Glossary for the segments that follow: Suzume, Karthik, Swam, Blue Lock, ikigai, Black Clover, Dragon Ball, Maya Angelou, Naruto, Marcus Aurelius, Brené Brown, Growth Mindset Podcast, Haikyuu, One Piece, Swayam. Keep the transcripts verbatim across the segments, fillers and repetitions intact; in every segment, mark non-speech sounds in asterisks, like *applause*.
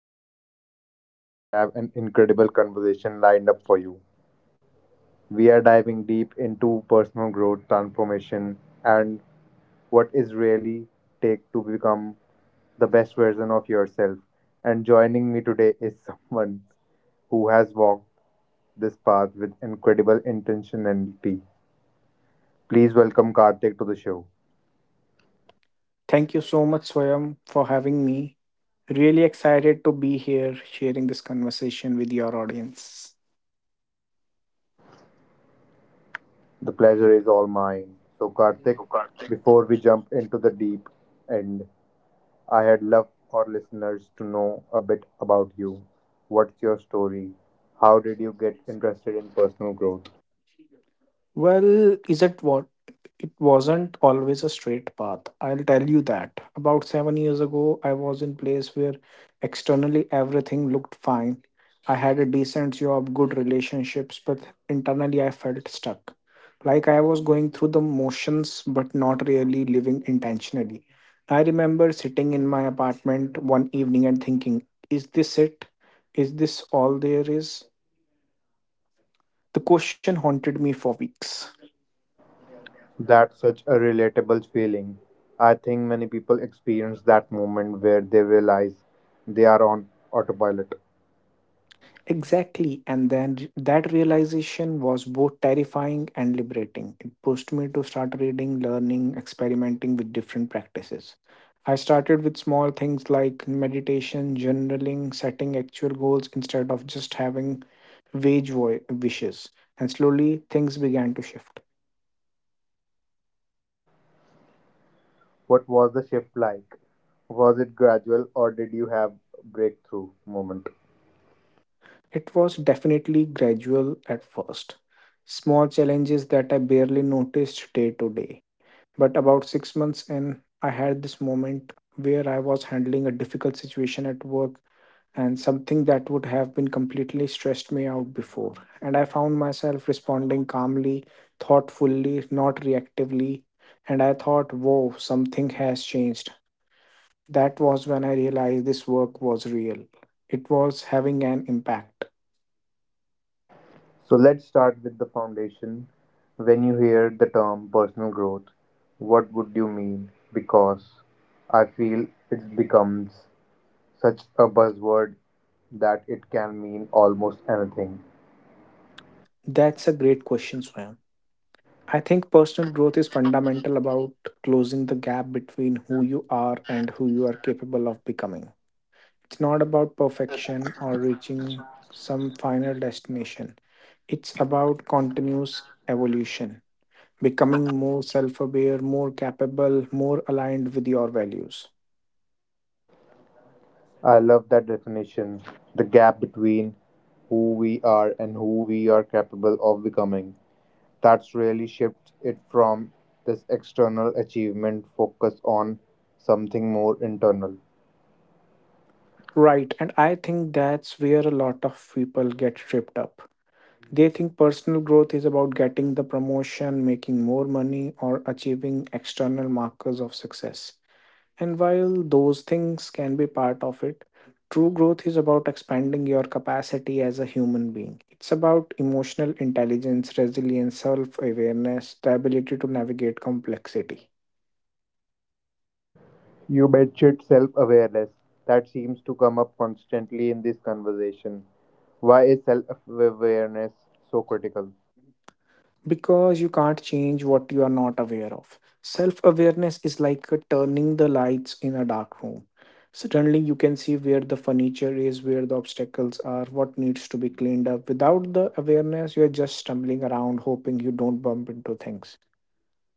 host Swayam, and today we have an incredible conversation lined up for you. We are diving deep into personal growth, transformation, and what is really take to become the best version of yourself. And joining me today is *laughs* someone who has walked this path with incredible intentionality. Please welcome Karthik to the show. Thank you so much, Swayam, for having me. Really excited to be here sharing this conversation with your audience. The pleasure is all mine. So Karthik, before we jump into the deep end, I had love our listeners to know a bit about you. What's your story? How did you get interested in personal growth? Well, is it what? It wasn't always a straight path. I'll tell you that. About seven years ago, I was in place where externally everything looked fine. I had a decent job, good relationships, but internally I felt stuck. Like I was going through the motions, but not really living intentionally. I remember sitting in my apartment one evening and thinking, is this it? Is this all there is? The question haunted me for weeks. That's such a relatable feeling. I think many people experience that moment where they realize they are on autopilot. Exactly, and then that realization was both terrifying and liberating. It pushed me to start reading, learning, experimenting with different practices. I started with small things like meditation, journaling, setting actual goals instead of just having vague vo- wishes, and slowly things began to shift. What was the shift like? Was it gradual or did you have breakthrough moment? It was definitely gradual at first. Small challenges that I barely noticed day to day. But about six months in, I had this moment where I was handling a difficult situation at work and something that would have been completely stressed me out before. And I found myself responding calmly, thoughtfully, not reactively. And I thought, whoa, something has changed. That was when I realized this work was real. It was having an impact. So let's start with the foundation. When you hear the term personal growth, what would you mean? Because I feel it becomes such a buzzword that it can mean almost anything. That's a great question, Swayam. I think personal growth is fundamental about closing the gap between who you are and who you are capable of becoming. It's not about perfection or reaching some final destination, it's about continuous evolution, becoming more self aware, more capable, more aligned with your values. I love that definition, the gap between who we are and who we are capable of becoming. That's really shifts it from this external achievement focus on something more internal. Right, and I think that's where a lot of people get tripped up. They think personal growth is about getting the promotion, making more money, or achieving external markers of success. And while those things can be part of it, true growth is about expanding your capacity as a human being. It's about emotional intelligence, resilience, self awareness, the ability to navigate complexity. You betshit self awareness. That seems to come up constantly in this conversation. Why is self awareness so critical? Because you can't change what you are not aware of. Self awareness is like a turning the lights in a dark room. Suddenly, you can see where the furniture is, where the obstacles are, what needs to be cleaned up. Without the awareness, you are just stumbling around, hoping you don't bump into things.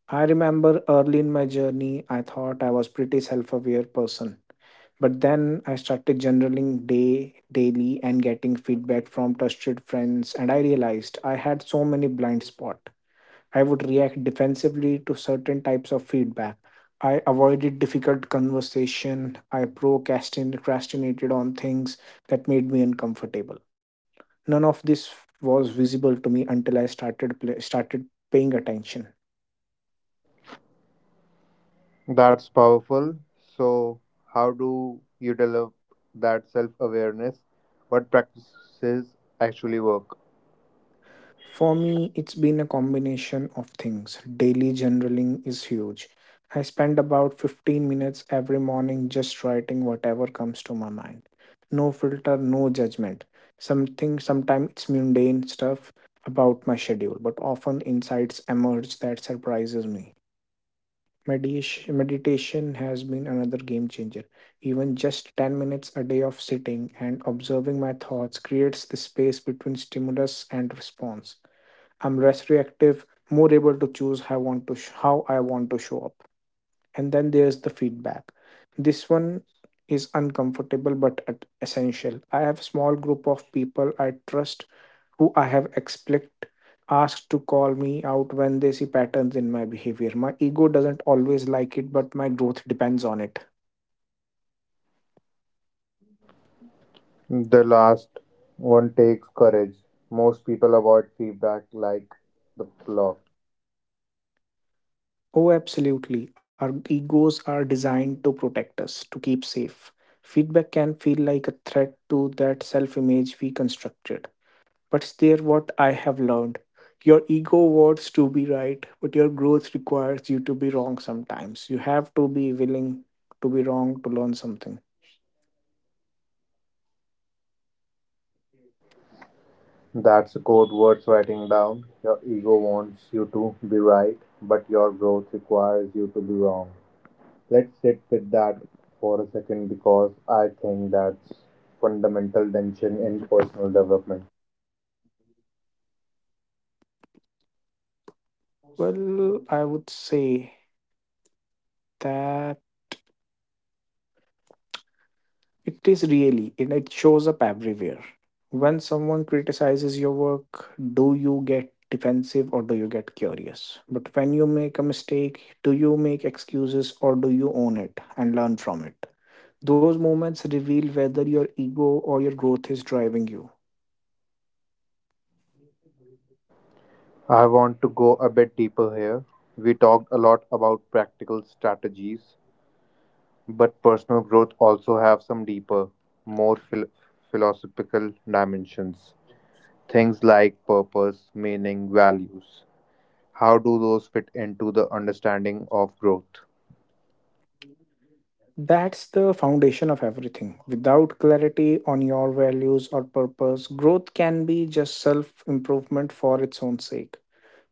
I remember early in my journey, I thought I was pretty self aware person, but then I started journaling day daily and getting feedback from trusted friends, and I realized I had so many blind spots. I would react defensively to certain types of feedback. I avoided difficult conversation. I procrastin- procrastinated on things that made me uncomfortable. None of this was visible to me until I started pla started paying attention. That's powerful. So, how do you develop that self awareness? What practices actually work? For me, it's been a combination of things. Daily journaling is huge. I spend about fifteen minutes every morning just writing whatever comes to my mind. No filter, no judgment. Something sometimes it's mundane stuff about my schedule, but often insights emerge that surprises me. Medish- Meditation has been another game changer. Even just ten minutes a day of sitting and observing my thoughts creates the space between stimulus and response. I'm less reactive, more able to choose how I want to sh- how I want to show up. And then there's the feedback. This one is uncomfortable but at- essential. I have a small group of people I trust who I have expect asked to call me out when they see patterns in my behavior. My ego doesn't always like it, but my growth depends on it. The last one takes courage. Most people avoid feedback like the block. Oh, absolutely. Our egos are designed to protect us, to keep safe. Feedback can feel like a threat to that self image we constructed. But there, what I have learned, your ego wants to be right, but your growth requires you to be wrong sometimes. You have to be willing to be wrong to learn something. That's a quote worth writing down. Your ego wants you to be right, but your growth requires you to be wrong. Let's sit with that for a second because I think that's fundamental tension in personal development. Well, I would say that. It is really, and it shows up everywhere. When someone criticizes your work, do you get defensive or do you get curious? But when you make a mistake, do you make excuses or do you own it and learn from it? Those moments reveal whether your ego or your growth is driving you. I want to go a bit deeper here. We talked a lot about practical strategies, but personal growth also have some deeper, more phil- philosophical dimensions. Things like purpose, meaning, values. How do those fit into the understanding of growth? That's the foundation of everything. Without clarity on your values or purpose, growth can be just self improvement for its own sake.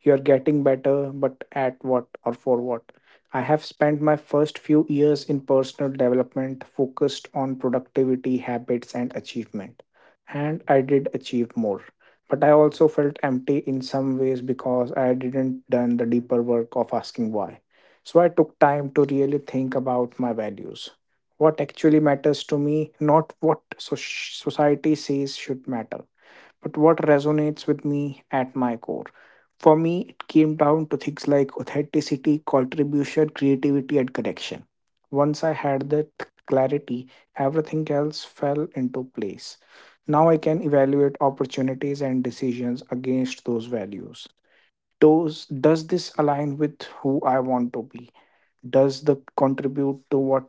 You're getting better, but at what or for what? I have spent my first few years in personal development focused on productivity, habits, and achievement. And I did achieve more. But I also felt empty in some ways because I didn't done the deeper work of asking why. So I took time to really think about my values. What actually matters to me, not what so- society says should matter, but what resonates with me at my core. For me, it came down to things like authenticity, contribution, creativity, and connection. Once I had that clarity, everything else fell into place. Now I can evaluate opportunities and decisions against those values. Does, does this align with who I want to be? Does the contribute to what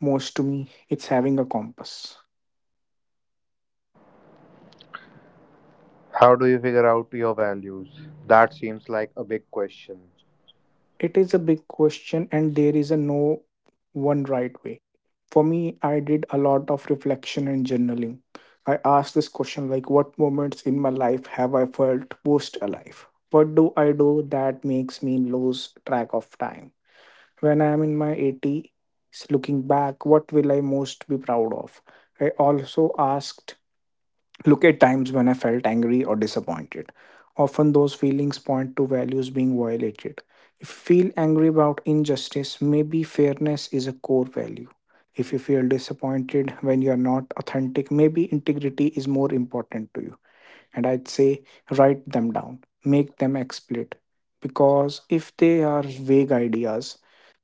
most to me? It's having a compass. How do you figure out your values? That seems like a big question. It is a big question, and there is a no one right way. For me, I did a lot of reflection and journaling. I asked this question like, what moments in my life have I felt most alive? What do I do that makes me lose track of time? When I am in my eighties, looking back, what will I most be proud of? I also asked, look at times when I felt angry or disappointed. Often those feelings point to values being violated. If you feel angry about injustice, maybe fairness is a core value. If you feel disappointed when you are not authentic, maybe integrity is more important to you, and I'd say write them down, make them explicit. Because if they are vague ideas,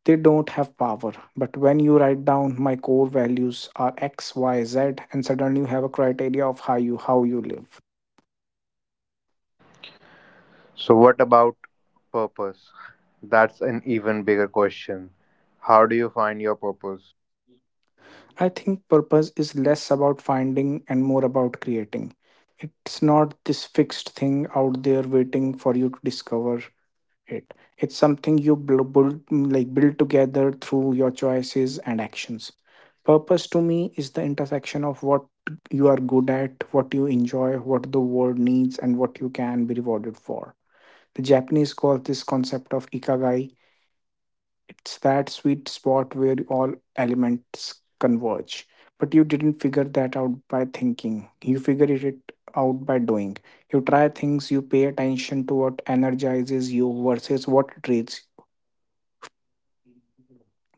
they don't have power. But when you write down my core values are X, Y, Z, and suddenly you have a criteria of how you how you live. So, what about purpose? That's an even bigger question. How do you find your purpose? I think purpose is less about finding and more about creating. It's not this fixed thing out there waiting for you to discover. it it's something you bl- build like build together through your choices and actions. Purpose to me is the intersection of what you are good at, what you enjoy, what the world needs, and what you can be rewarded for. The Japanese call this concept of ikigai. It's that sweet spot where all elements converge. But you didn't figure that out by thinking, you figured it out by doing. You try things, you pay attention to what energizes you versus what drains.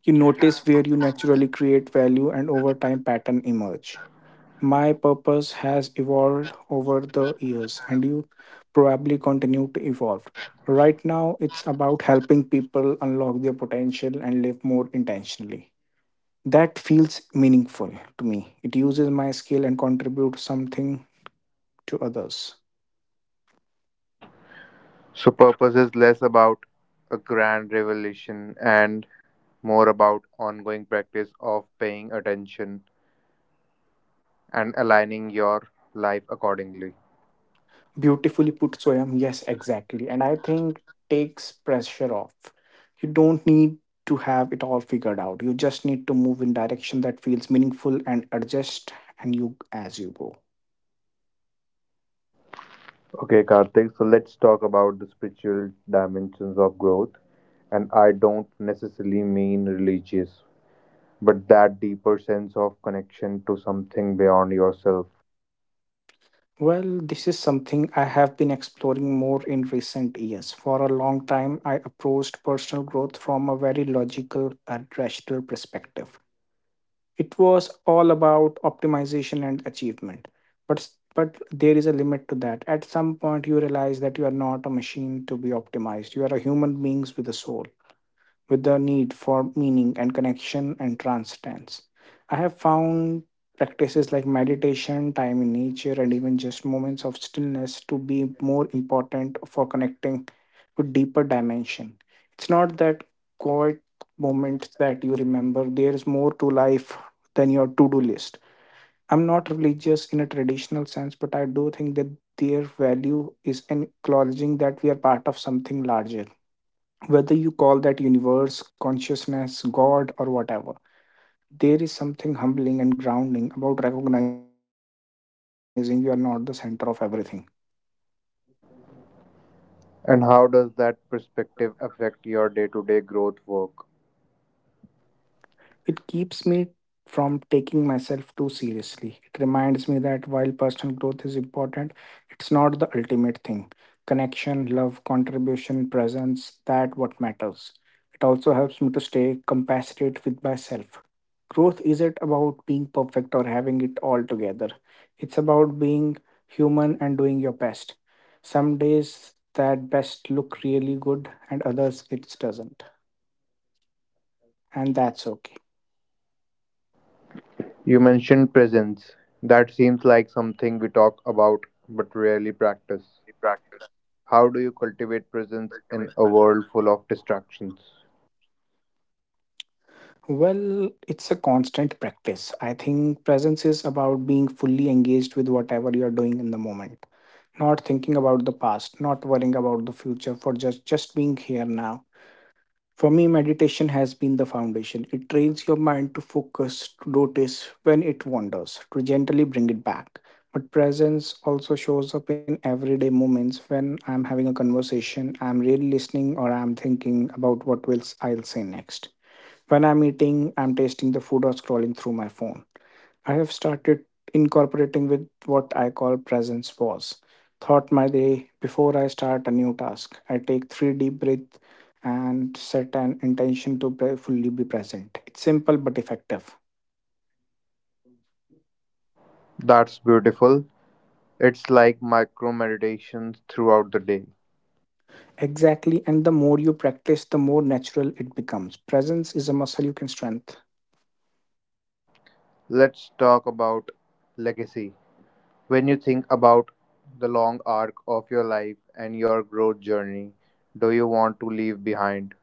You notice where you naturally create value and over time pattern emerge. My purpose has evolved over the years and you probably continue to evolve. Right now it's about helping people unlock their potential and live more intentionally. That feels meaningful to me. It uses my skill and contributes something to others. So, purpose is less about a grand revelation and more about ongoing practice of paying attention and aligning your life accordingly. Beautifully put, Soyam. Yes, exactly. And I think takes pressure off. You don't need to have it all figured out. You just need to move in direction that feels meaningful and adjust and you as you go. Okay, Karthik, so let's talk about the spiritual dimensions of growth. And I don't necessarily mean religious, but that deeper sense of connection to something beyond yourself. Well, this is something I have been exploring more in recent years. For a long time, I approached personal growth from a very logical and rational perspective. It was all about optimization and achievement, but but there is a limit to that. At some point you realize that you are not a machine to be optimized, you are a human beings with a soul, with the need for meaning and connection and transcendence. I have found practices like meditation, time in nature, and even just moments of stillness to be more important for connecting to deeper dimension. It's not that quiet moment that you remember. There is more to life than your to-do list. I'm not religious in a traditional sense, but I do think that their value is in acknowledging that we are part of something larger. Whether you call that universe, consciousness, God, or whatever, there is something humbling and grounding about recognizing you are not the center of everything. And how does that perspective affect your day to day growth work? It keeps me from taking myself too seriously. It reminds me that while personal growth is important, it's not the ultimate thing. Connection, love, contribution, presence, that what matters. It also helps me to stay compassionate with myself. Growth isn't about being perfect or having it all together. It's about being human and doing your best. Some days that best look really good and others it doesn't. And that's okay. You mentioned presence. That seems like something we talk about but rarely practice. How do you cultivate presence in a world full of distractions? Well, it's a constant practice. I think presence is about being fully engaged with whatever you're doing in the moment, not thinking about the past, not worrying about the future, for just just being here now. For me, meditation has been the foundation. It trains your mind to focus, to notice when it wanders, to gently bring it back. But presence also shows up in everyday moments. When I'm having a conversation, I'm really listening, or I'm thinking about what will I'll say next. When I'm eating, I'm tasting the food or scrolling through my phone. I have started incorporating with what I call presence pause. Thought my day, before I start a new task, I take three deep breaths and set an intention to pre- fully be present. It's simple but effective. That's beautiful. It's like micro meditations throughout the day. Exactly, and the more you practice, the more natural it becomes. Presence is a muscle you can strengthen. Let's talk about legacy. When you think about the long arc of your life and your growth journey, do you want to leave behind?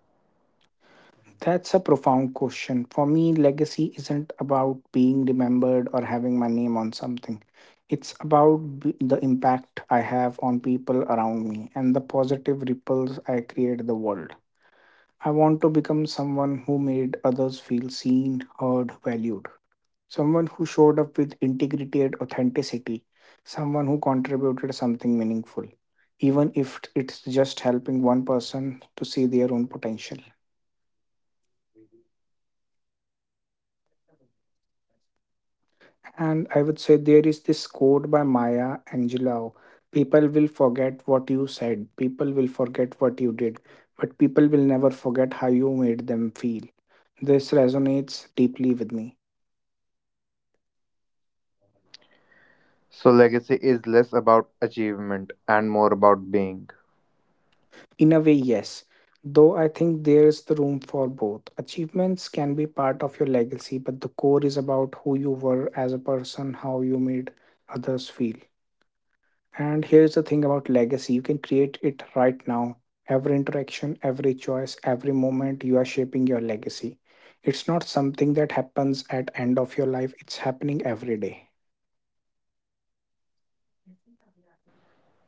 That's a profound question. For me, legacy isn't about being remembered or having my name on something. It's about b- the impact I have on people around me and the positive ripples I create in the world. I want to become someone who made others feel seen, heard, valued. Someone who showed up with integrity and authenticity. Someone who contributed something meaningful, even if it's just helping one person to see their own potential. And I would say there is this quote by Maya Angelou. People will forget what you said, people will forget what you did, but people will never forget how you made them feel. This resonates deeply with me. So, legacy is less about achievement and more about being. In a way, yes, though I think there is the room for both. Achievements can be part of your legacy, but the core is about who you were as a person, how you made others feel. And here's the thing about legacy: you can create it right now. Every interaction, every choice, every moment, you are shaping your legacy. It's not something that happens at end of your life, it's happening every day.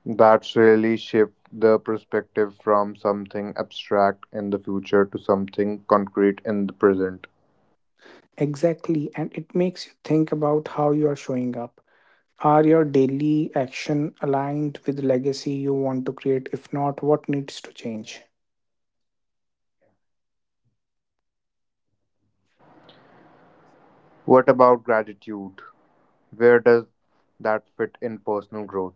That's really shift the perspective from something abstract in the future to something concrete in the present. Exactly, and it makes you think about how you are showing up. Are your daily action aligned with the legacy you want to create? If not, what needs to change? What about gratitude? Where does that fit in personal growth?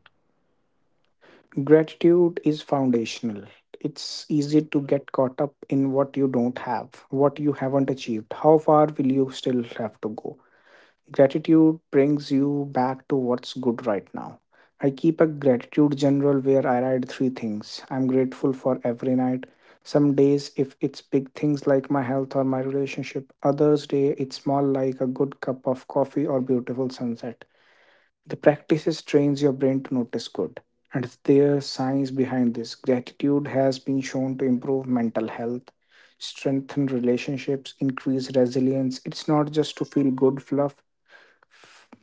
Gratitude is foundational. It's easy to get caught up in what you don't have, what you haven't achieved, how far will you still have to go. Gratitude brings you back to what's good right now. I keep a gratitude journal where I write three things I'm grateful for every night. Some days, if it's big things like my health or my relationship, others day it's small like a good cup of coffee or beautiful sunset. The practices trains your brain to notice good. And there's science behind this. Gratitude has been shown to improve mental health, strengthen relationships, increase resilience. It's not just to feel good fluff,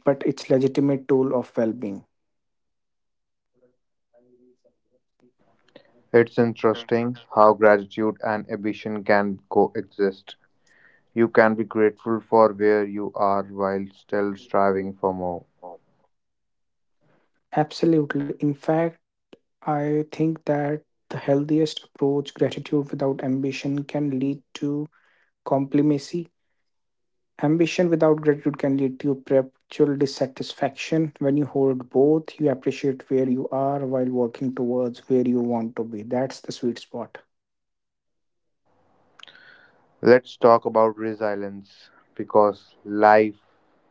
but it's legitimate tool of well-being. It's interesting how gratitude and ambition can coexist. You can be grateful for where you are while still striving for more. Absolutely. In fact, I think that the healthiest approach, gratitude without ambition, can lead to complacency. Ambition without gratitude can lead to perpetual dissatisfaction. When you hold both, you appreciate where you are while working towards where you want to be. That's the sweet spot. Let's talk about resilience because life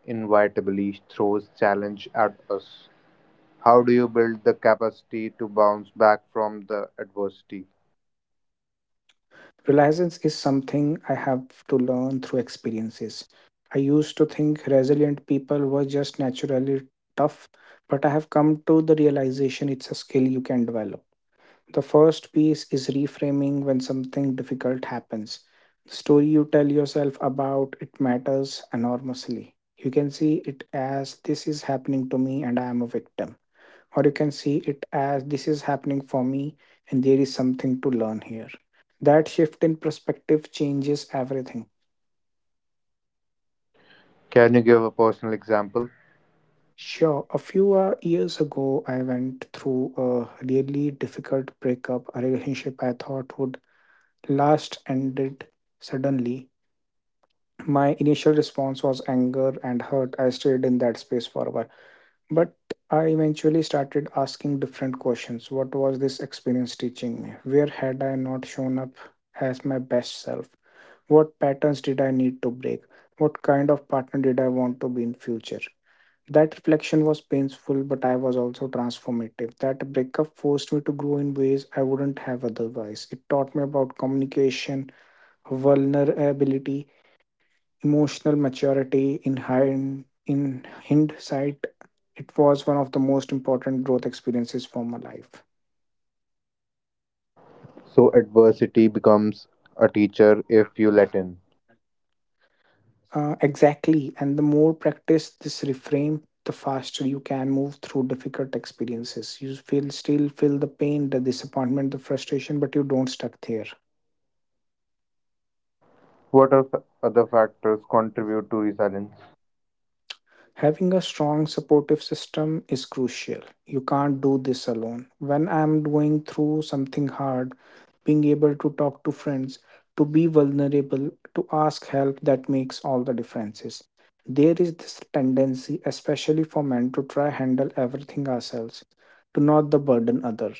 inevitably throws challenge at us. How do you build the capacity to bounce back from the adversity? Resilience is something I have to learn through experiences. I used to think resilient people were just naturally tough, but I have come to the realization it's a skill you can develop. The first piece is reframing. When something difficult happens, the story you tell yourself about it matters enormously. You can see it as, this is happening to me and I am a victim. Or you can see it as, this is happening for me and there is something to learn here. That shift in perspective changes everything. Can you give a personal example? Sure, a few uh, years ago, I went through a really difficult breakup. A relationship I thought would last ended suddenly. My initial response was anger and hurt. I stayed in that space for a while. But I eventually started asking different questions. What was this experience teaching me? Where had I not shown up as my best self? What patterns did I need to break? What kind of partner did I want to be in future? That reflection was painful, but I was also transformative. That breakup forced me to grow in ways I wouldn't have otherwise. It taught me about communication, vulnerability, emotional maturity. In hind, in hindsight, it was one of the most important growth experiences for my life. So adversity becomes a teacher if you let in. Uh, exactly and the more practice this reframe, the faster you can move through difficult experiences. You feel still feel the pain, the disappointment, the frustration, but you don't stuck there. What are f- other factors contribute to resilience? Having a strong supportive system is crucial. You can't do this alone. When I'm going through something hard, being able to talk to friends, to be vulnerable, to ask help, that makes all the differences. There is this tendency, especially for men, to try handle everything ourselves, to not the burden other.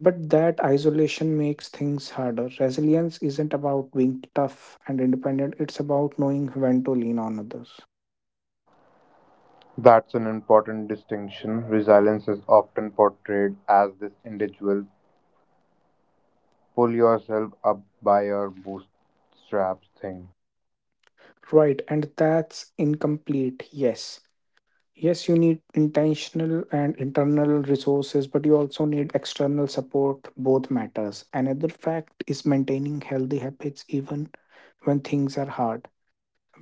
But that isolation makes things harder. Resilience isn't about being tough and independent, it's about knowing when to lean on others. That's an important distinction. Resilience is often portrayed as this individual pull yourself up by your bootstraps thing. Right, and that's incomplete. Yes. Yes, you need intentional and internal resources, but you also need external support. Both matters. Another fact is maintaining healthy habits even when things are hard.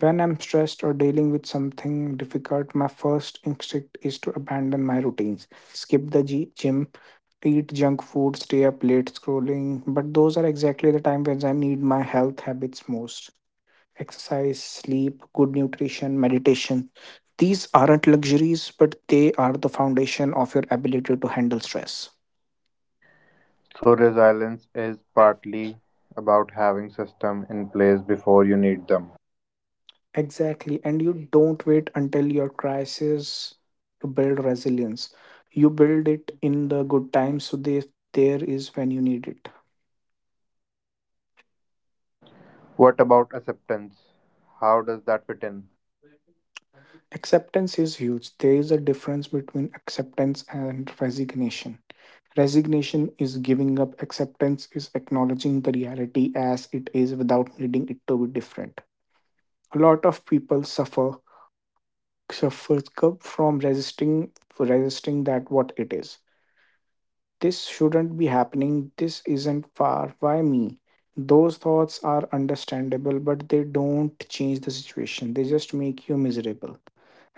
When I'm stressed or dealing with something difficult, my first instinct is to abandon my routines, skip the g- gym, eat junk food, stay up late scrolling. But those are exactly the time when I need my health habits most: exercise, sleep, good nutrition, meditation. These aren't luxuries, but they are the foundation of your ability to handle stress. So resilience is partly about having system in place before you need them. Exactly. And you don't wait until your crisis to build resilience. You build it in the good times, so they, there is when you need it. What about acceptance? How does that fit in? Acceptance is huge. There is a difference between acceptance and resignation. Resignation is giving up, acceptance is acknowledging the reality as it is without needing it to be different. A lot of people suffer suffer from resisting resisting that what it is. This shouldn't be happening, this isn't far, why me? Those thoughts are understandable, but they don't change the situation, they just make you miserable.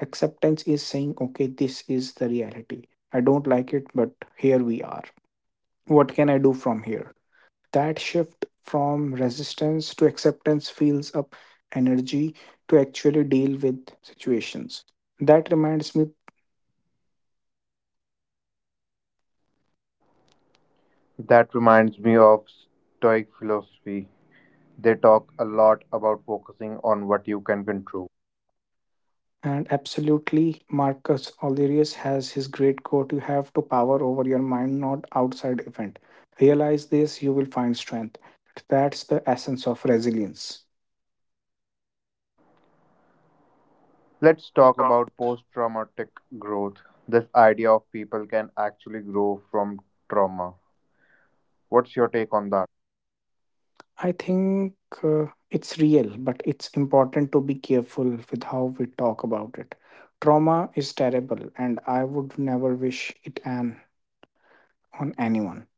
Acceptance is saying, okay, this is the reality, I don't like it, but here we are. What can I do from here? That shift from resistance to acceptance fills up energy to actually deal with situations. That reminds me, That reminds me of Stoic philosophy. They talk a lot about focusing on what you can control. and absolutely, Marcus Aurelius has his great quote: you have to power over your mind, not outside event. Realize this, you will find strength. That's the essence of resilience. Let's talk about post traumatic growth. This idea of people can actually grow from trauma. What's your take on that? I think uh, it's real, but it's important to be careful with how we talk about it. Trauma is terrible, and I would never wish it an, on anyone.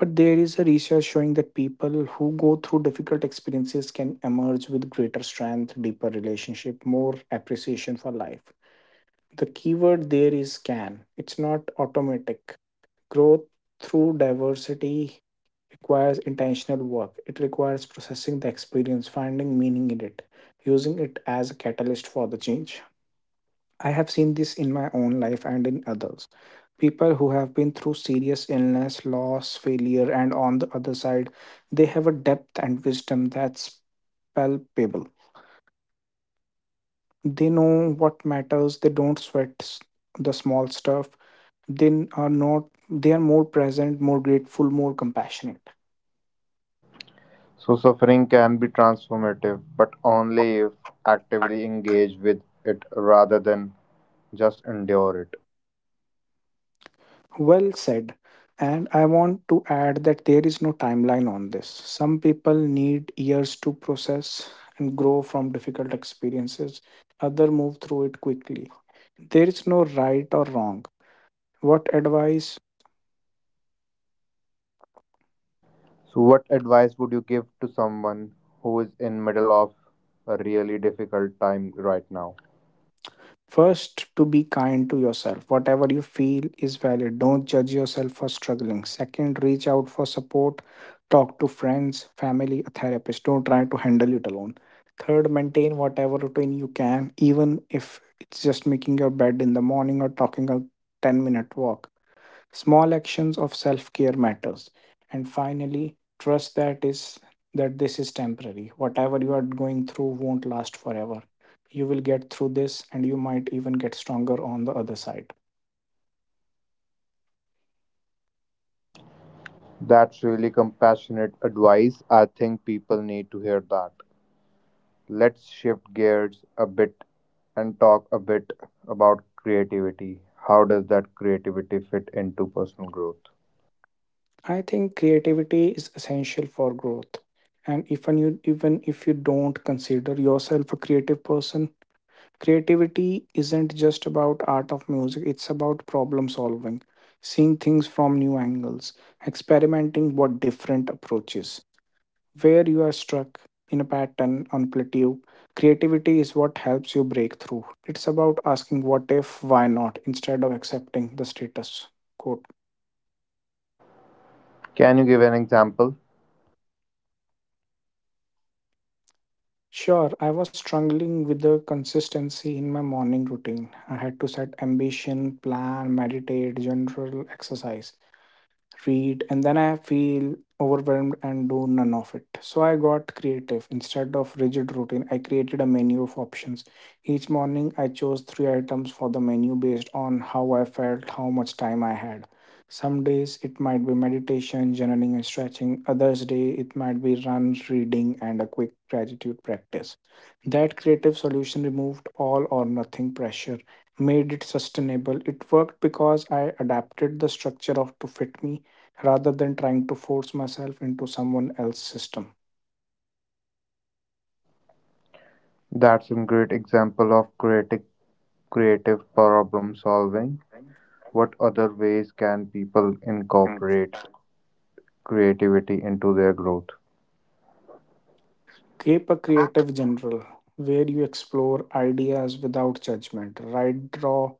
But there is a research showing that people who go through difficult experiences can emerge with greater strength, deeper relationship, more appreciation for life. The keyword there is can. It's not automatic. Growth through diversity requires intentional work. It requires processing the experience, finding meaning in it, using it as a catalyst for the change. I have seen this in my own life and in others. People who have been through serious illness, loss, failure, and on the other side, they have a depth and wisdom that's palpable. They know what matters, they don't sweat s- the small stuff, they are not they are more present, more grateful, more compassionate. So, suffering can be transformative, but only if actively engaged with it rather than just endure it. Well said. And I want to add that there is no timeline on this. Some people need years to process and grow from difficult experiences, others move through it quickly. There is no right or wrong. What advice So, what advice would you give to someone who is in middle of a really difficult time right now? First, to be kind to yourself. Whatever you feel is valid. Don't judge yourself for struggling. Second, reach out for support. Talk to friends, family, a therapist. Don't try to handle it alone. Third, maintain whatever routine you can, even if it's just making your bed in the morning or talking a ten minute walk. Small actions of self-care matters. And finally, trust that is that this is temporary. Whatever you are going through won't last forever. You will get through this and you might even get stronger on the other side. That's really compassionate advice. I think people need to hear that. Let's shift gears a bit and talk a bit about creativity. How does that creativity fit into personal growth? I think creativity is essential for growth. And even you even if you don't consider yourself a creative person, creativity isn't just about art of music, it's about problem solving, seeing things from new angles, experimenting with different approaches. Where you are stuck in a pattern on plateau, creativity is what helps you break through. It's about asking what if, why not, instead of accepting the status quo. Can you give an example? Sure, I was struggling with the consistency in my morning routine. I had to set ambition plan, meditate, general exercise, read, and then I feel overwhelmed and do none of it. So I got creative. Instead of rigid routine, I created a menu of options. Each morning, I chose three items for the menu based on how I felt, how much time I had. Some days it might be meditation, journaling, and stretching. Others day it might be run, reading, and a quick gratitude practice. That creative solution removed all or nothing pressure, made it sustainable. It worked because I adapted the structure of to fit me rather than trying to force myself into someone else's system. That's a great example of creative creative problem solving. What other ways can people incorporate creativity into their growth? Keep a creative general where you explore ideas without judgment. Write, draw,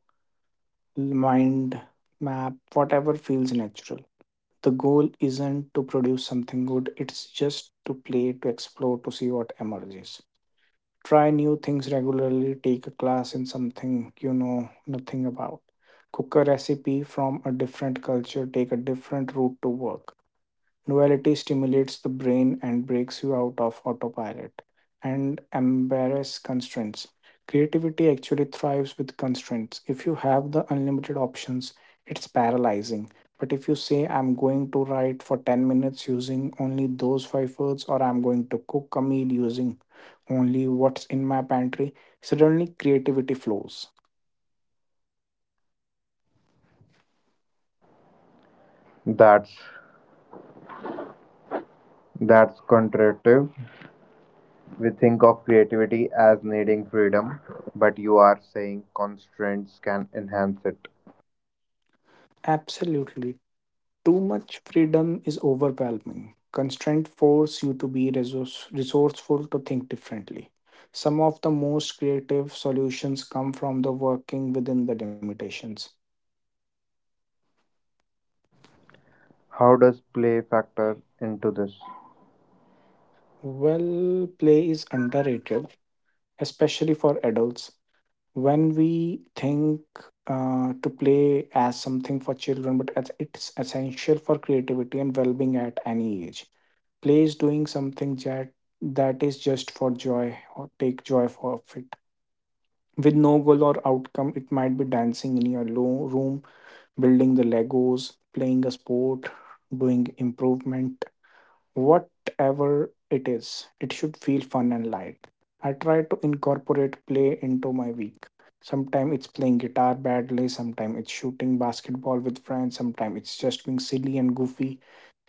mind, map, whatever feels natural. The goal isn't to produce something good, it's just to play, to explore, to see what emerges. Try new things regularly, take a class in something you know nothing about. Cook a recipe from a different culture, take a different route to work. Novelty stimulates the brain and breaks you out of autopilot, and embrace constraints. Creativity actually thrives with constraints. If you have the unlimited options, it's paralyzing. But if you say, I'm going to write for ten minutes using only those five words, or I'm going to cook a meal using only what's in my pantry, suddenly creativity flows. That's that's contradictive. We think of creativity as needing freedom, but you are saying constraints can enhance it. Absolutely. Too much freedom is overwhelming. Constraint force you to be resource, resourceful to think differently. Some of the most creative solutions come from the working within the limitations. How does play factor into this? Well, play is underrated, especially for adults. When we think uh, to play as something for children, but as it's essential for creativity and well-being at any age. Play is doing something that that is just for joy or take joy for of it with no goal or outcome. It might be dancing in your lo- room, building the Legos, playing a sport, doing improvement, whatever it is. It should feel fun and light. I try to incorporate play into my week. Sometimes it's playing guitar badly, sometimes it's shooting basketball with friends, sometimes it's just being silly and goofy.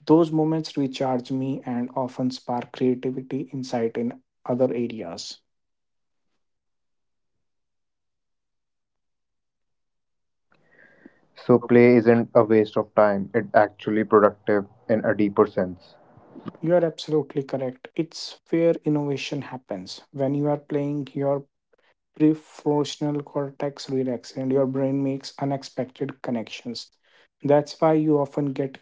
Those moments recharge me and often spark creativity, insight in other areas. So, play isn't a waste of time, it's actually productive in a deeper sense. You are absolutely correct. It's where innovation happens. When you are playing, your prefrontal cortex relaxes and your brain makes unexpected connections. That's why you often get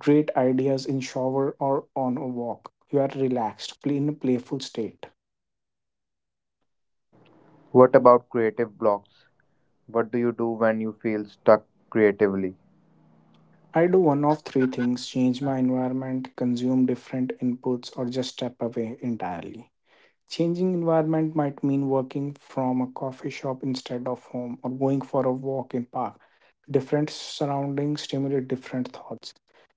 great ideas in shower or on a walk. You are relaxed, play in a playful state. What about creative blocks? What do you do when you feel stuck creatively? I do one of three things: change my environment, consume different inputs, or just step away entirely. Changing environment might mean working from a coffee shop instead of home or going for a walk in park. Different surroundings stimulate different thoughts.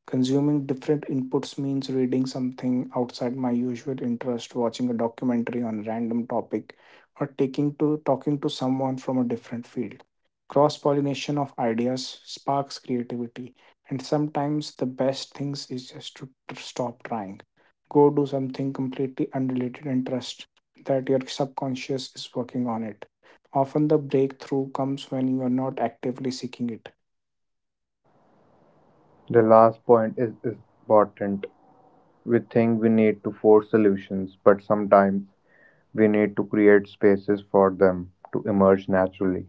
Consuming different inputs means reading something outside my usual interest, watching a documentary on a random topic, or taking to talking to someone from a different field. Cross-pollination of ideas sparks creativity, and sometimes the best things is just to t- stop trying, go do something completely unrelated and trust that your subconscious is working on it. Often the breakthrough comes when you are not actively seeking it. The last point is is important. We think we need to force solutions, but sometimes we need to create spaces for them to emerge naturally.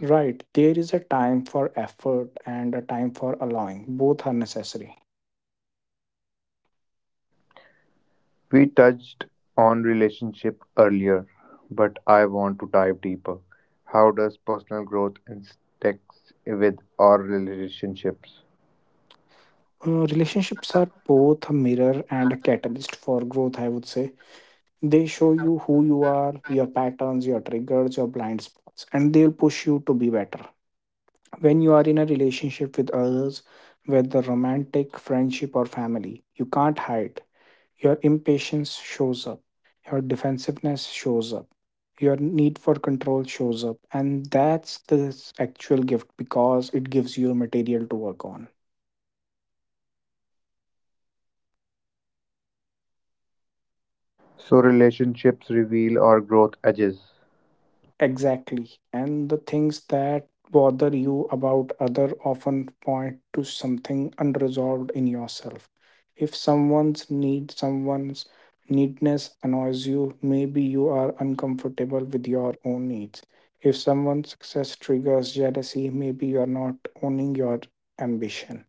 Right, there is a time for effort and a time for allowing. Both are necessary. We touched on relationship earlier, but I want to dive deeper. How does personal growth intersect with our relationships? Uh, relationships are both a mirror and a catalyst for growth, I would say. They show you who you are, your patterns, your triggers, your blind spots, and they'll push you to be better. When you are in a relationship with others, whether romantic, friendship, or family, you can't hide. Your impatience shows up, your defensiveness shows up, your need for control shows up, and that's the actual gift because it gives you material to work on. So relationships reveal our growth edges. Exactly. And the things that bother you about other often point to something unresolved in yourself. If someone's need someone's needness annoys you, maybe you are uncomfortable with your own needs. If someone's success triggers jealousy, maybe you are not owning your ambition.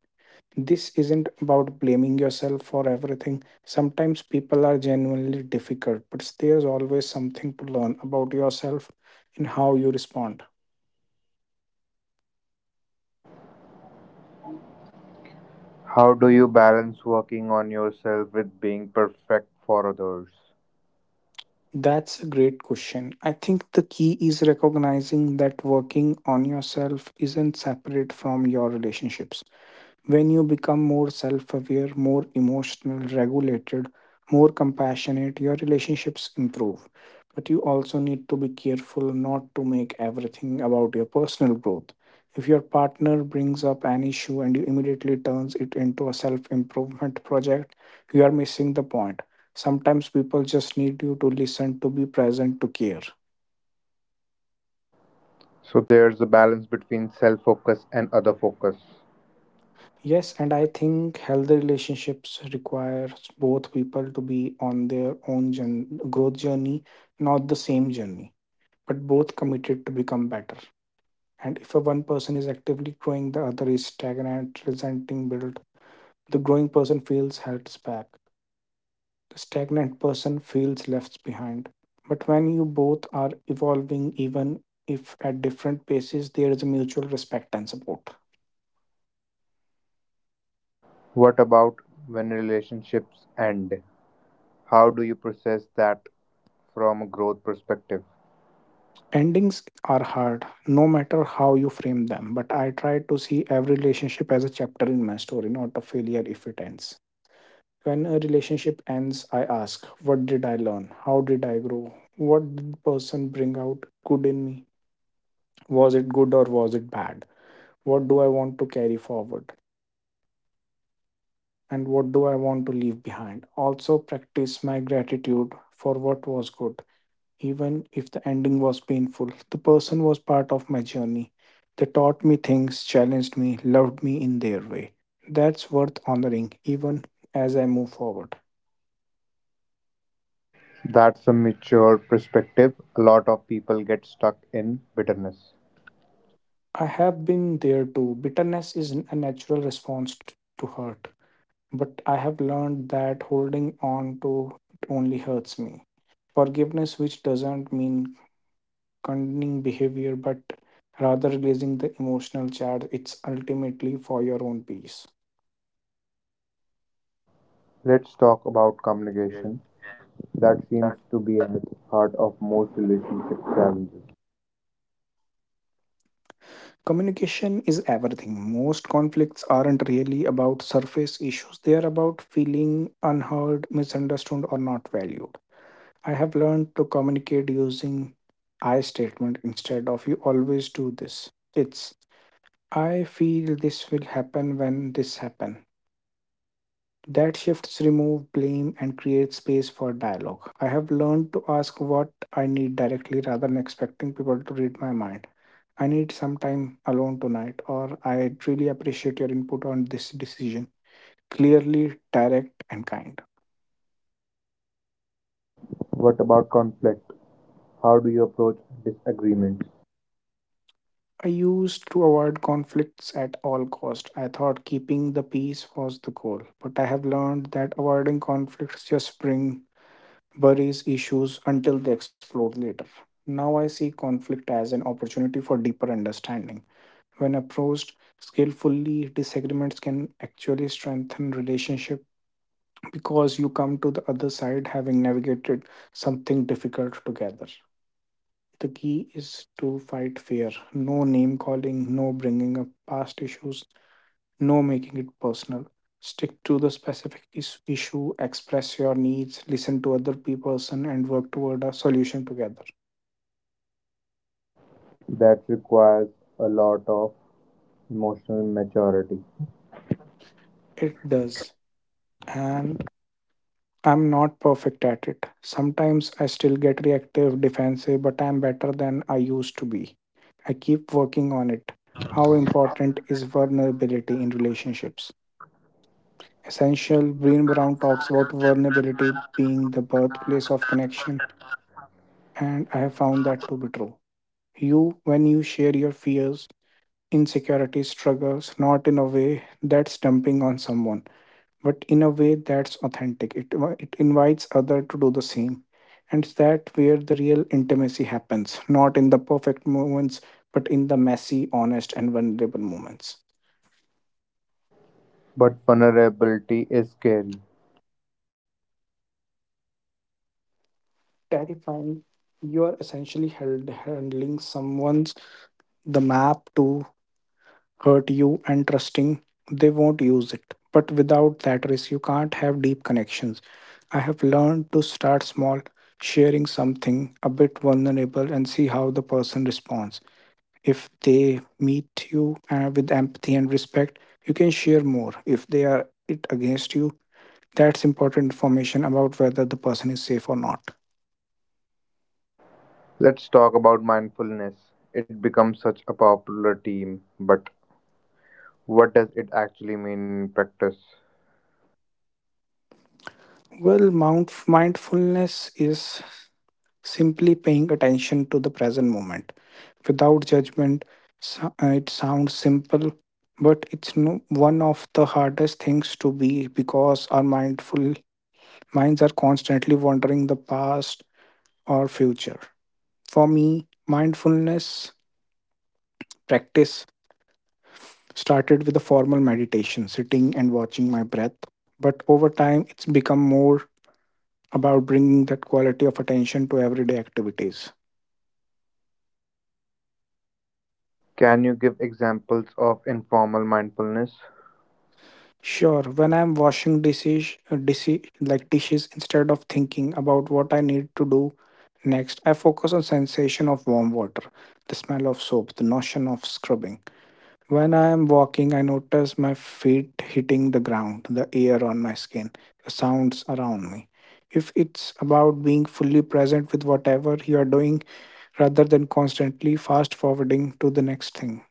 This isn't about blaming yourself for everything. Sometimes people are genuinely difficult, but there's always something to learn about yourself and how you respond. How do you balance working on yourself with being perfect for others? That's a great question. I think the key is recognizing that working on yourself isn't separate from your relationships. When you become more self aware, more emotional, regulated, more compassionate, your relationships improve. But you also need to be careful not to make everything about your personal growth. If your partner brings up an issue and you immediately turns it into a self improvement project, you are missing the point. Sometimes people just need you to listen, to be present, to care. So there's a balance between self-focus and other focus. Yes, and I think healthy relationships requires both people to be on their own journ- growth journey, not the same journey, but both committed to become better. And if a one person is actively growing, the other is stagnant, resenting build. The growing person feels held back. The stagnant person feels left behind. But when you both are evolving, even if at different paces, there is a mutual respect and support. What about when relationships end? How do you process that from a growth perspective? Endings are hard, no matter how you frame them, but I try to see every relationship as a chapter in my story, not a failure if it ends. When a relationship ends, I ask, what did I learn? How did I grow? What did the person bring out good in me? Was it good or was it bad? What do I want to carry forward? And what do I want to leave behind? Also, practice my gratitude for what was good. Even if the ending was painful, the person was part of my journey. They taught me things, challenged me, loved me in their way. That's worth honoring, even as I move forward. That's a mature perspective. A lot of people get stuck in bitterness. I have been there too. Bitterness is a natural response t- to hurt, but I have learned that holding on to it only hurts me. Forgiveness, which doesn't mean condoning behavior, but rather releasing the emotional charge, it's ultimately for your own peace. Let's talk about communication. That seems to be at the heart of most relationship challenges. Communication is everything. Most conflicts aren't really about surface issues, they are about feeling unheard, misunderstood, or not valued. I have learned to communicate using I statement instead of you always do this. It's I feel this will happen when this happen. That shifts remove blame and creates space for dialogue. I have learned to ask what I need directly rather than expecting people to read my mind. I need some time alone tonight, or I really appreciate your input on this decision. Clearly direct and kind. What about conflict? How do you approach disagreements? I used to avoid conflicts at all cost. I thought keeping the peace was the goal, but I have learned that avoiding conflicts just bring buries issues until they explode later. Now I see conflict as an opportunity for deeper understanding. When approached skillfully, disagreements can actually strengthen relationship because you come to the other side having navigated something difficult together. The key is to fight fear. No name calling, no bringing up past issues, no making it personal. Stick to the specific is- issue, express your needs, listen to other pe- person, and work toward a solution together. That requires a lot of emotional maturity. It does. And I'm not perfect at it. Sometimes I still get reactive, defensive, but I'm better than I used to be. I keep working on it. How important is vulnerability in relationships? Essential. Breen Brown talks about vulnerability being the birthplace of connection, and I have found that to be true. You, when you share your fears, insecurities, struggles, not in a way that's dumping on someone, but in a way that's authentic. It, it invites other to do the same. And it's that where the real intimacy happens, not in the perfect moments, but in the messy, honest, and vulnerable moments. But vulnerability is scary. Terrifying, you are essentially held, handling someone's the map to hurt you and trusting they won't use it. But without that risk, you can't have deep connections. I have learned to start small, sharing something a bit vulnerable, and see how the person responds. If they meet you uh, with empathy and respect, you can share more. If they are it against you, that's important information about whether the person is safe or not. Let's talk about mindfulness. It becomes such a popular theme, but what does it actually mean in practice? Well mount- mindfulness is simply paying attention to the present moment without judgment. So- uh, it sounds simple, but it's no, one of the hardest things to be, because our mindful minds are constantly wandering the past or future. For me, mindfulness practice started with a formal meditation, sitting and watching my breath. But over time, it's become more about bringing that quality of attention to everyday activities. Can you give examples of informal mindfulness? Sure, when I'm washing dishes, uh, dishes like dishes, instead of thinking about what I need to do next, I focus on sensation of warm water, the smell of soap, the notion of scrubbing. When I am walking, I notice my feet hitting the ground, the air on my skin, the sounds around me. If it's about being fully present with whatever you are doing rather than constantly fast forwarding to the next thing.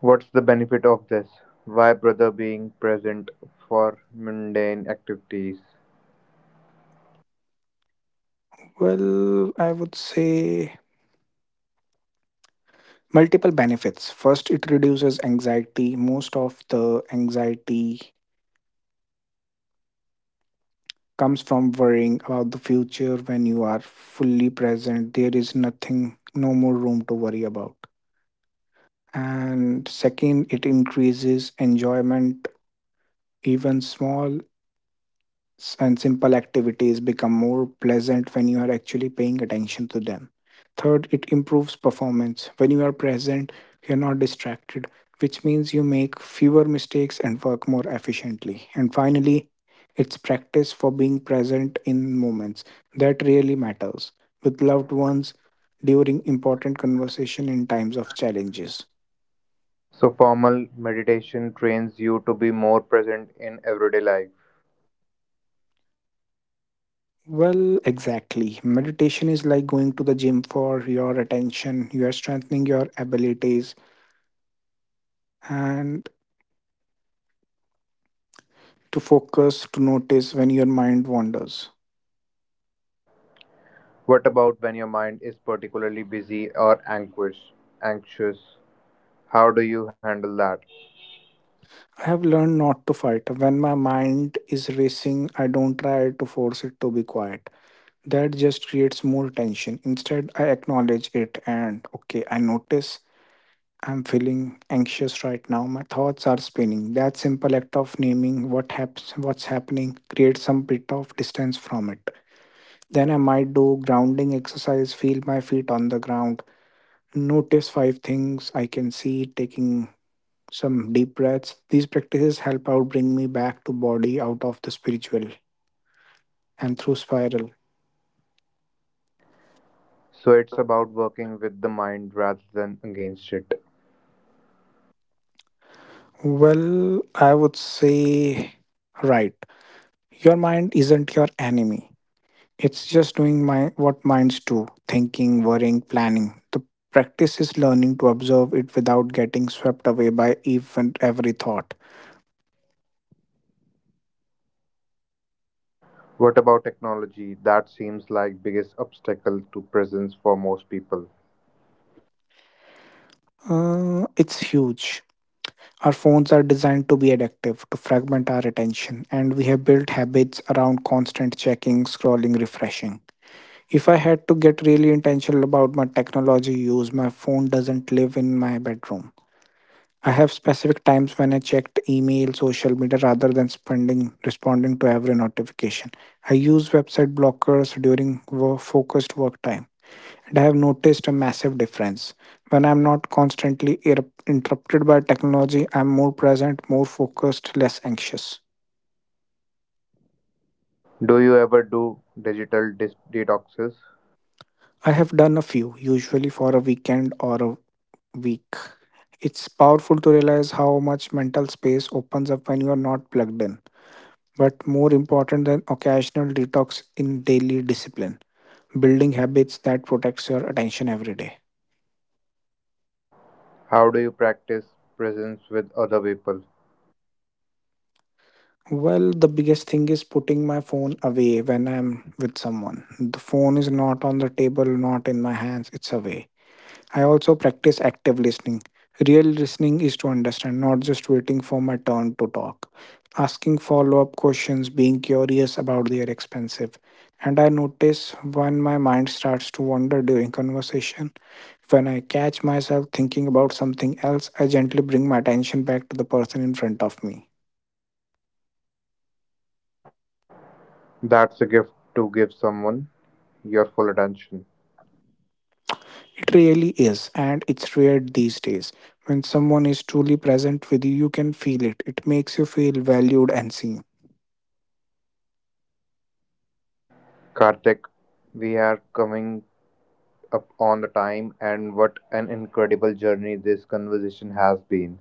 What's the benefit of this? Why bother being present for mundane activities? Well, I would say multiple benefits. First, it reduces anxiety. Most of the anxiety comes from worrying about the future. When you are fully present, there is nothing, no more room to worry about. And second, it increases enjoyment. Even small s- and simple activities become more pleasant when you are actually paying attention to them. Third, it improves performance. When you are present, you're not distracted, which means you make fewer mistakes and work more efficiently. And finally, it's practice for being present in moments that really matters, with loved ones, during important conversation, in times of challenges. So, formal meditation trains you to be more present in everyday life. Well, exactly. Meditation is like going to the gym for your attention. You are strengthening your abilities and to focus, to notice when your mind wanders. What about when your mind is particularly busy or anxious? Anxious. How do you handle that? I have learned not to fight. When my mind is racing, I don't try to force it to be quiet. That just creates more tension. Instead, I acknowledge it and okay, I notice I'm feeling anxious right now. My thoughts are spinning. That simple act of naming what happens, what's happening, creates some bit of distance from it. Then I might do grounding exercise, feel my feet on the ground, notice five things I can see, taking some deep breaths. These practices help out bring me back to body out of the spiritual and through spiral. So, it's about working with the mind rather than against it. Well, I would say right. Your mind isn't your enemy. It's just doing my what minds do, thinking, worrying, planning. The practice is learning to observe it without getting swept away by even every thought. What about technology? That seems like biggest obstacle to presence for most people. Uh, it's huge. Our phones are designed to be addictive, to fragment our attention, and we have built habits around constant checking, scrolling, refreshing. If I had to get really intentional about my technology use, my phone doesn't live in my bedroom. I have specific times when I checked email, social media rather than spending responding to every notification. I use website blockers during wo- focused work time. And I have noticed a massive difference. When I'm not constantly ir- interrupted by technology, I'm more present, more focused, less anxious. Do you ever do digital dis- detoxes? I have done a few, usually for a weekend or a week. It's powerful to realize how much mental space opens up when you are not plugged in, but more important than occasional detox in daily discipline, building habits that protects your attention every day. How do you practice presence with other people? Well, the biggest thing is putting my phone away when I'm with someone. The phone is not on the table, not in my hands, it's away. I also practice active listening. Real listening is to understand, not just waiting for my turn to talk. Asking follow up questions, being curious about their expensive. And I notice when my mind starts to wander during conversation. When I catch myself thinking about something else, I gently bring my attention back to the person in front of me. That's a gift to give someone your full attention. It really is, and it's rare these days. When someone is truly present with you, you can feel it. It makes you feel valued and seen. Karthik, we are coming up on the time, and what an incredible journey this conversation has been.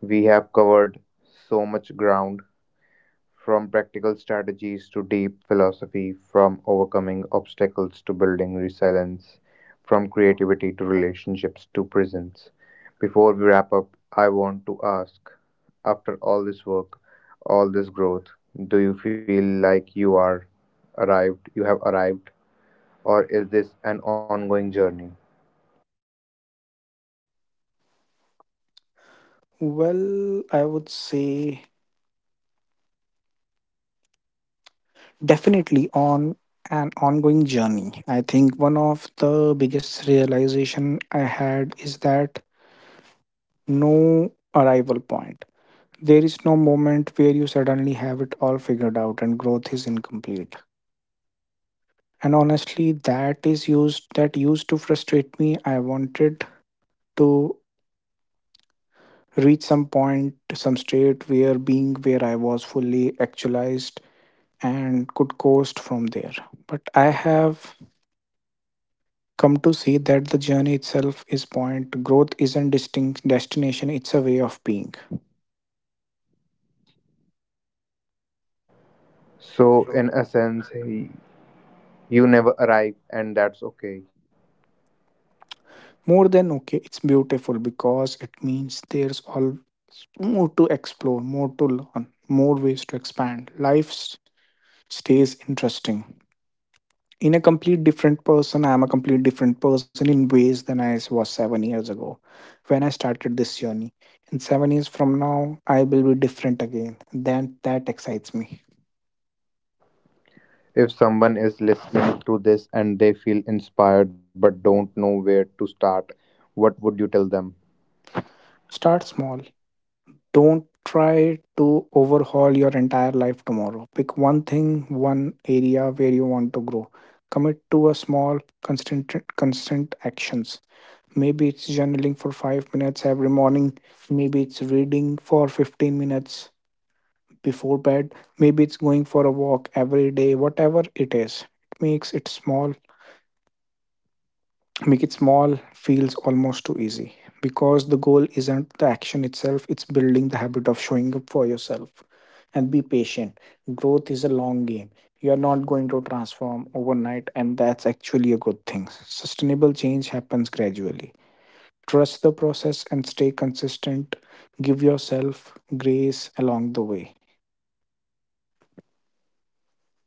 We have covered so much ground. From practical strategies to deep philosophy, from overcoming obstacles to building resilience, from creativity to relationships to prisons. Before we wrap up, I want to ask, after all this work, all this growth, do you feel like you are arrived, you have arrived, or is this an ongoing journey? Well, I would say definitely on an ongoing journey. I think one of the biggest realization I had is that no arrival point. There is no moment where you suddenly have it all figured out and growth is incomplete. And honestly, that is used that used to frustrate me. I wanted to reach some point, some state where being where I was fully actualized and could coast from there, but I have come to see that the journey itself is point. Growth isn't distinct destination, it's a way of being. So, in a sense, you never arrive, and that's okay. More than okay, it's beautiful because it means there's all more to explore, more to learn, more ways to expand life. S- stays interesting. In a complete different person, I am a complete different person in ways than I was seven years ago when I started this journey. In seven years from now I will be different again. Then that excites me. If someone is listening to this and they feel inspired but don't know where to start, what would you tell them? Start small. Don't try to overhaul your entire life tomorrow. Pick one thing, one area where you want to grow. Commit to a small, constant, constant actions. Maybe it's journaling for five minutes every morning. Maybe it's reading for fifteen minutes before bed. Maybe it's going for a walk every day. Whatever it is, it makes it small. Make it small feels almost too easy because the goal isn't the action itself, it's building the habit of showing up for yourself. And be patient. Growth is a long game. You are not going to transform overnight, and that's actually a good thing. Sustainable change happens gradually. Trust the process and stay consistent. Give yourself grace along the way.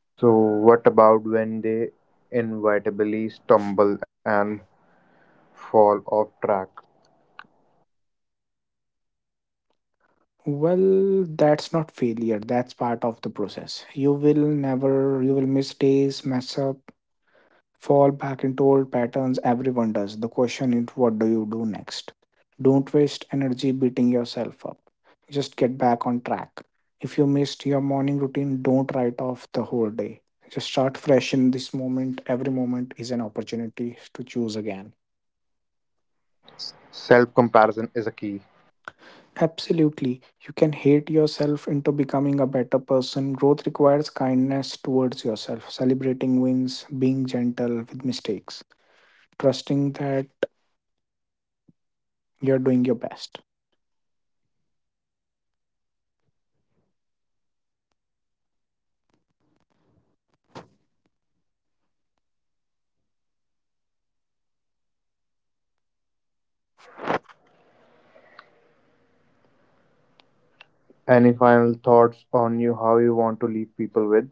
So, what about when they inevitably stumble and fall off track? Well, that's not failure. That's part of the process. You will never, you will miss days, mess up, fall back into old patterns. Everyone does. The question is, what do you do next? Don't waste energy beating yourself up. Just get back on track. If you missed your morning routine, don't write off the whole day. Just start fresh in this moment. Every moment is an opportunity to choose again. Absolutely. You can hate yourself into becoming a better person. Growth requires kindness towards yourself, celebrating wins, being gentle with mistakes, trusting that you're doing your best. Self Any final comparison is a thoughts key. on you how you want to leave people with?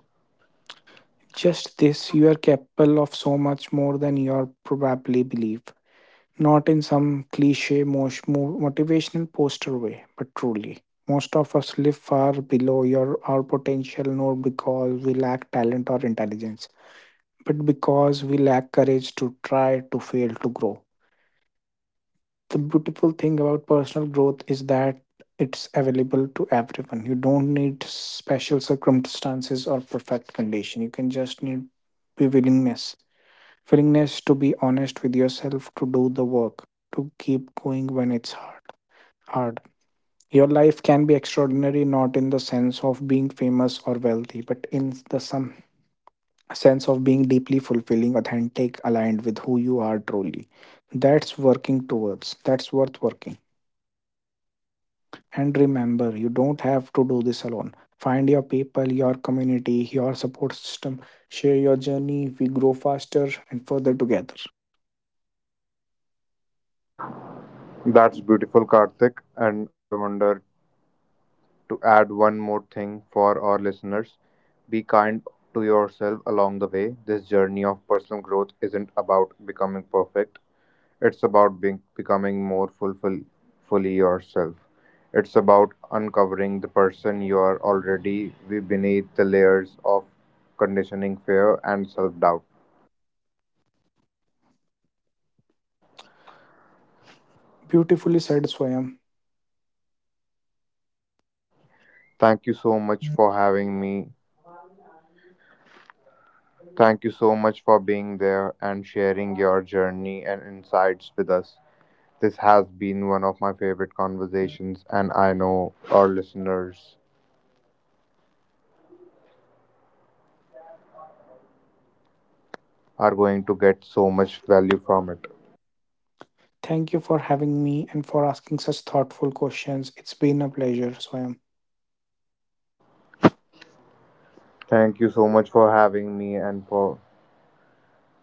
Just this, you are capable of so much more than you probably believe. Not in some cliche mos- mo- motivational poster way, but truly. Most of us live far below your, our potential, not because we lack talent or intelligence, but because we lack courage to try, to fail, to grow. The beautiful thing about personal growth is that it's available to everyone. You don't need special circumstances or perfect condition. You can just need be willingness, willingness to be honest with yourself, to do the work, to keep going when it's hard hard Your life can be extraordinary, not in the sense of being famous or wealthy, but in the some sense of being deeply fulfilling, authentic, aligned with who you are truly. that's working towards that's worth working. And remember, you don't have to do this alone. Find your people, your community, your support system. Share your journey. We grow faster and further together. That's beautiful, Karthik. And I wonder to add one more thing for our listeners. Be kind to yourself along the way. This journey of personal growth isn't about becoming perfect, it's about being, becoming more fulfill, fully yourself. It's about uncovering the person you are already we beneath the layers of conditioning, fear, and self doubt. Beautifully said, Swayam. Thank you so much for having me. Thank you so much for being there and sharing your journey and insights with us. This has been one of my favorite conversations, and I know our listeners are going to get so much value from it. Thank you for having me and for asking such thoughtful questions. It's been a pleasure, Swayam. Thank you so much for having me and for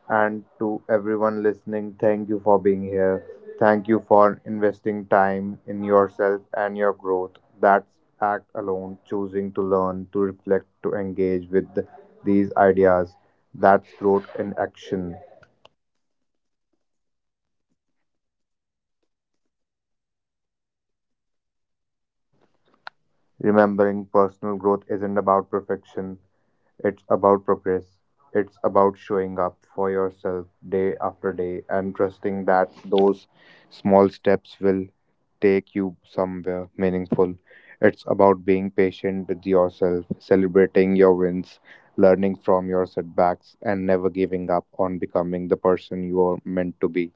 And to everyone listening, thank you for being here. Thank you for investing time in yourself and your growth. That's act alone, choosing to learn, to reflect, to engage with th- these ideas. That's growth in action. Remembering personal growth isn't about perfection, it's about progress. It's about showing up for yourself day after day and trusting that those small steps will take you somewhere meaningful. It's about being patient with yourself, celebrating your wins, learning from your setbacks, and never giving up on becoming the person you are meant to be.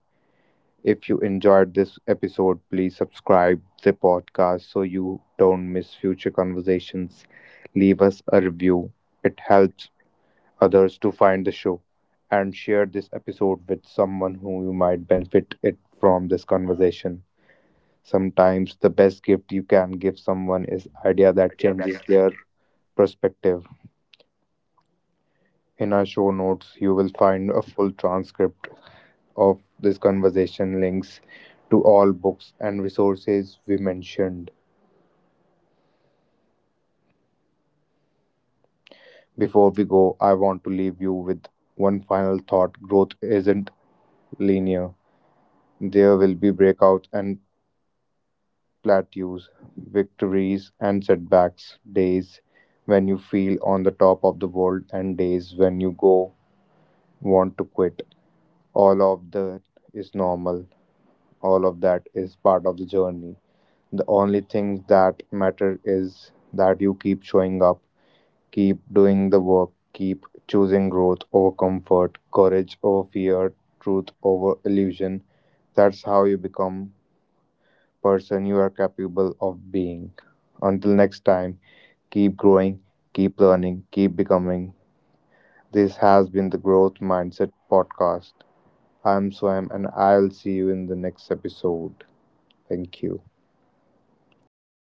If you enjoyed this episode, please subscribe the podcast so you don't miss future conversations. Leave us a review. It helps others to find the show and share this episode with someone who you might benefit it from this conversation. Sometimes the best gift you can give someone is idea that changes their perspective. In our show notes, you will find a full transcript of this conversation, links to all books and resources we mentioned. Before we go, I want to leave you with one final thought. Growth isn't linear. There will be breakouts and plateaus, victories, and setbacks, days when you feel on the top of the world, and days when you go want to quit. All of that is normal, all of that is part of the journey. The only things that matter is that you keep showing up, keep doing the work, keep choosing growth over comfort, courage over fear, truth over illusion. That's how you become person you are capable of being. Until next time, keep growing, keep learning, keep becoming. This has been the Growth Mindset Podcast. I'm Swam, and I'll see you in the next episode. Thank you.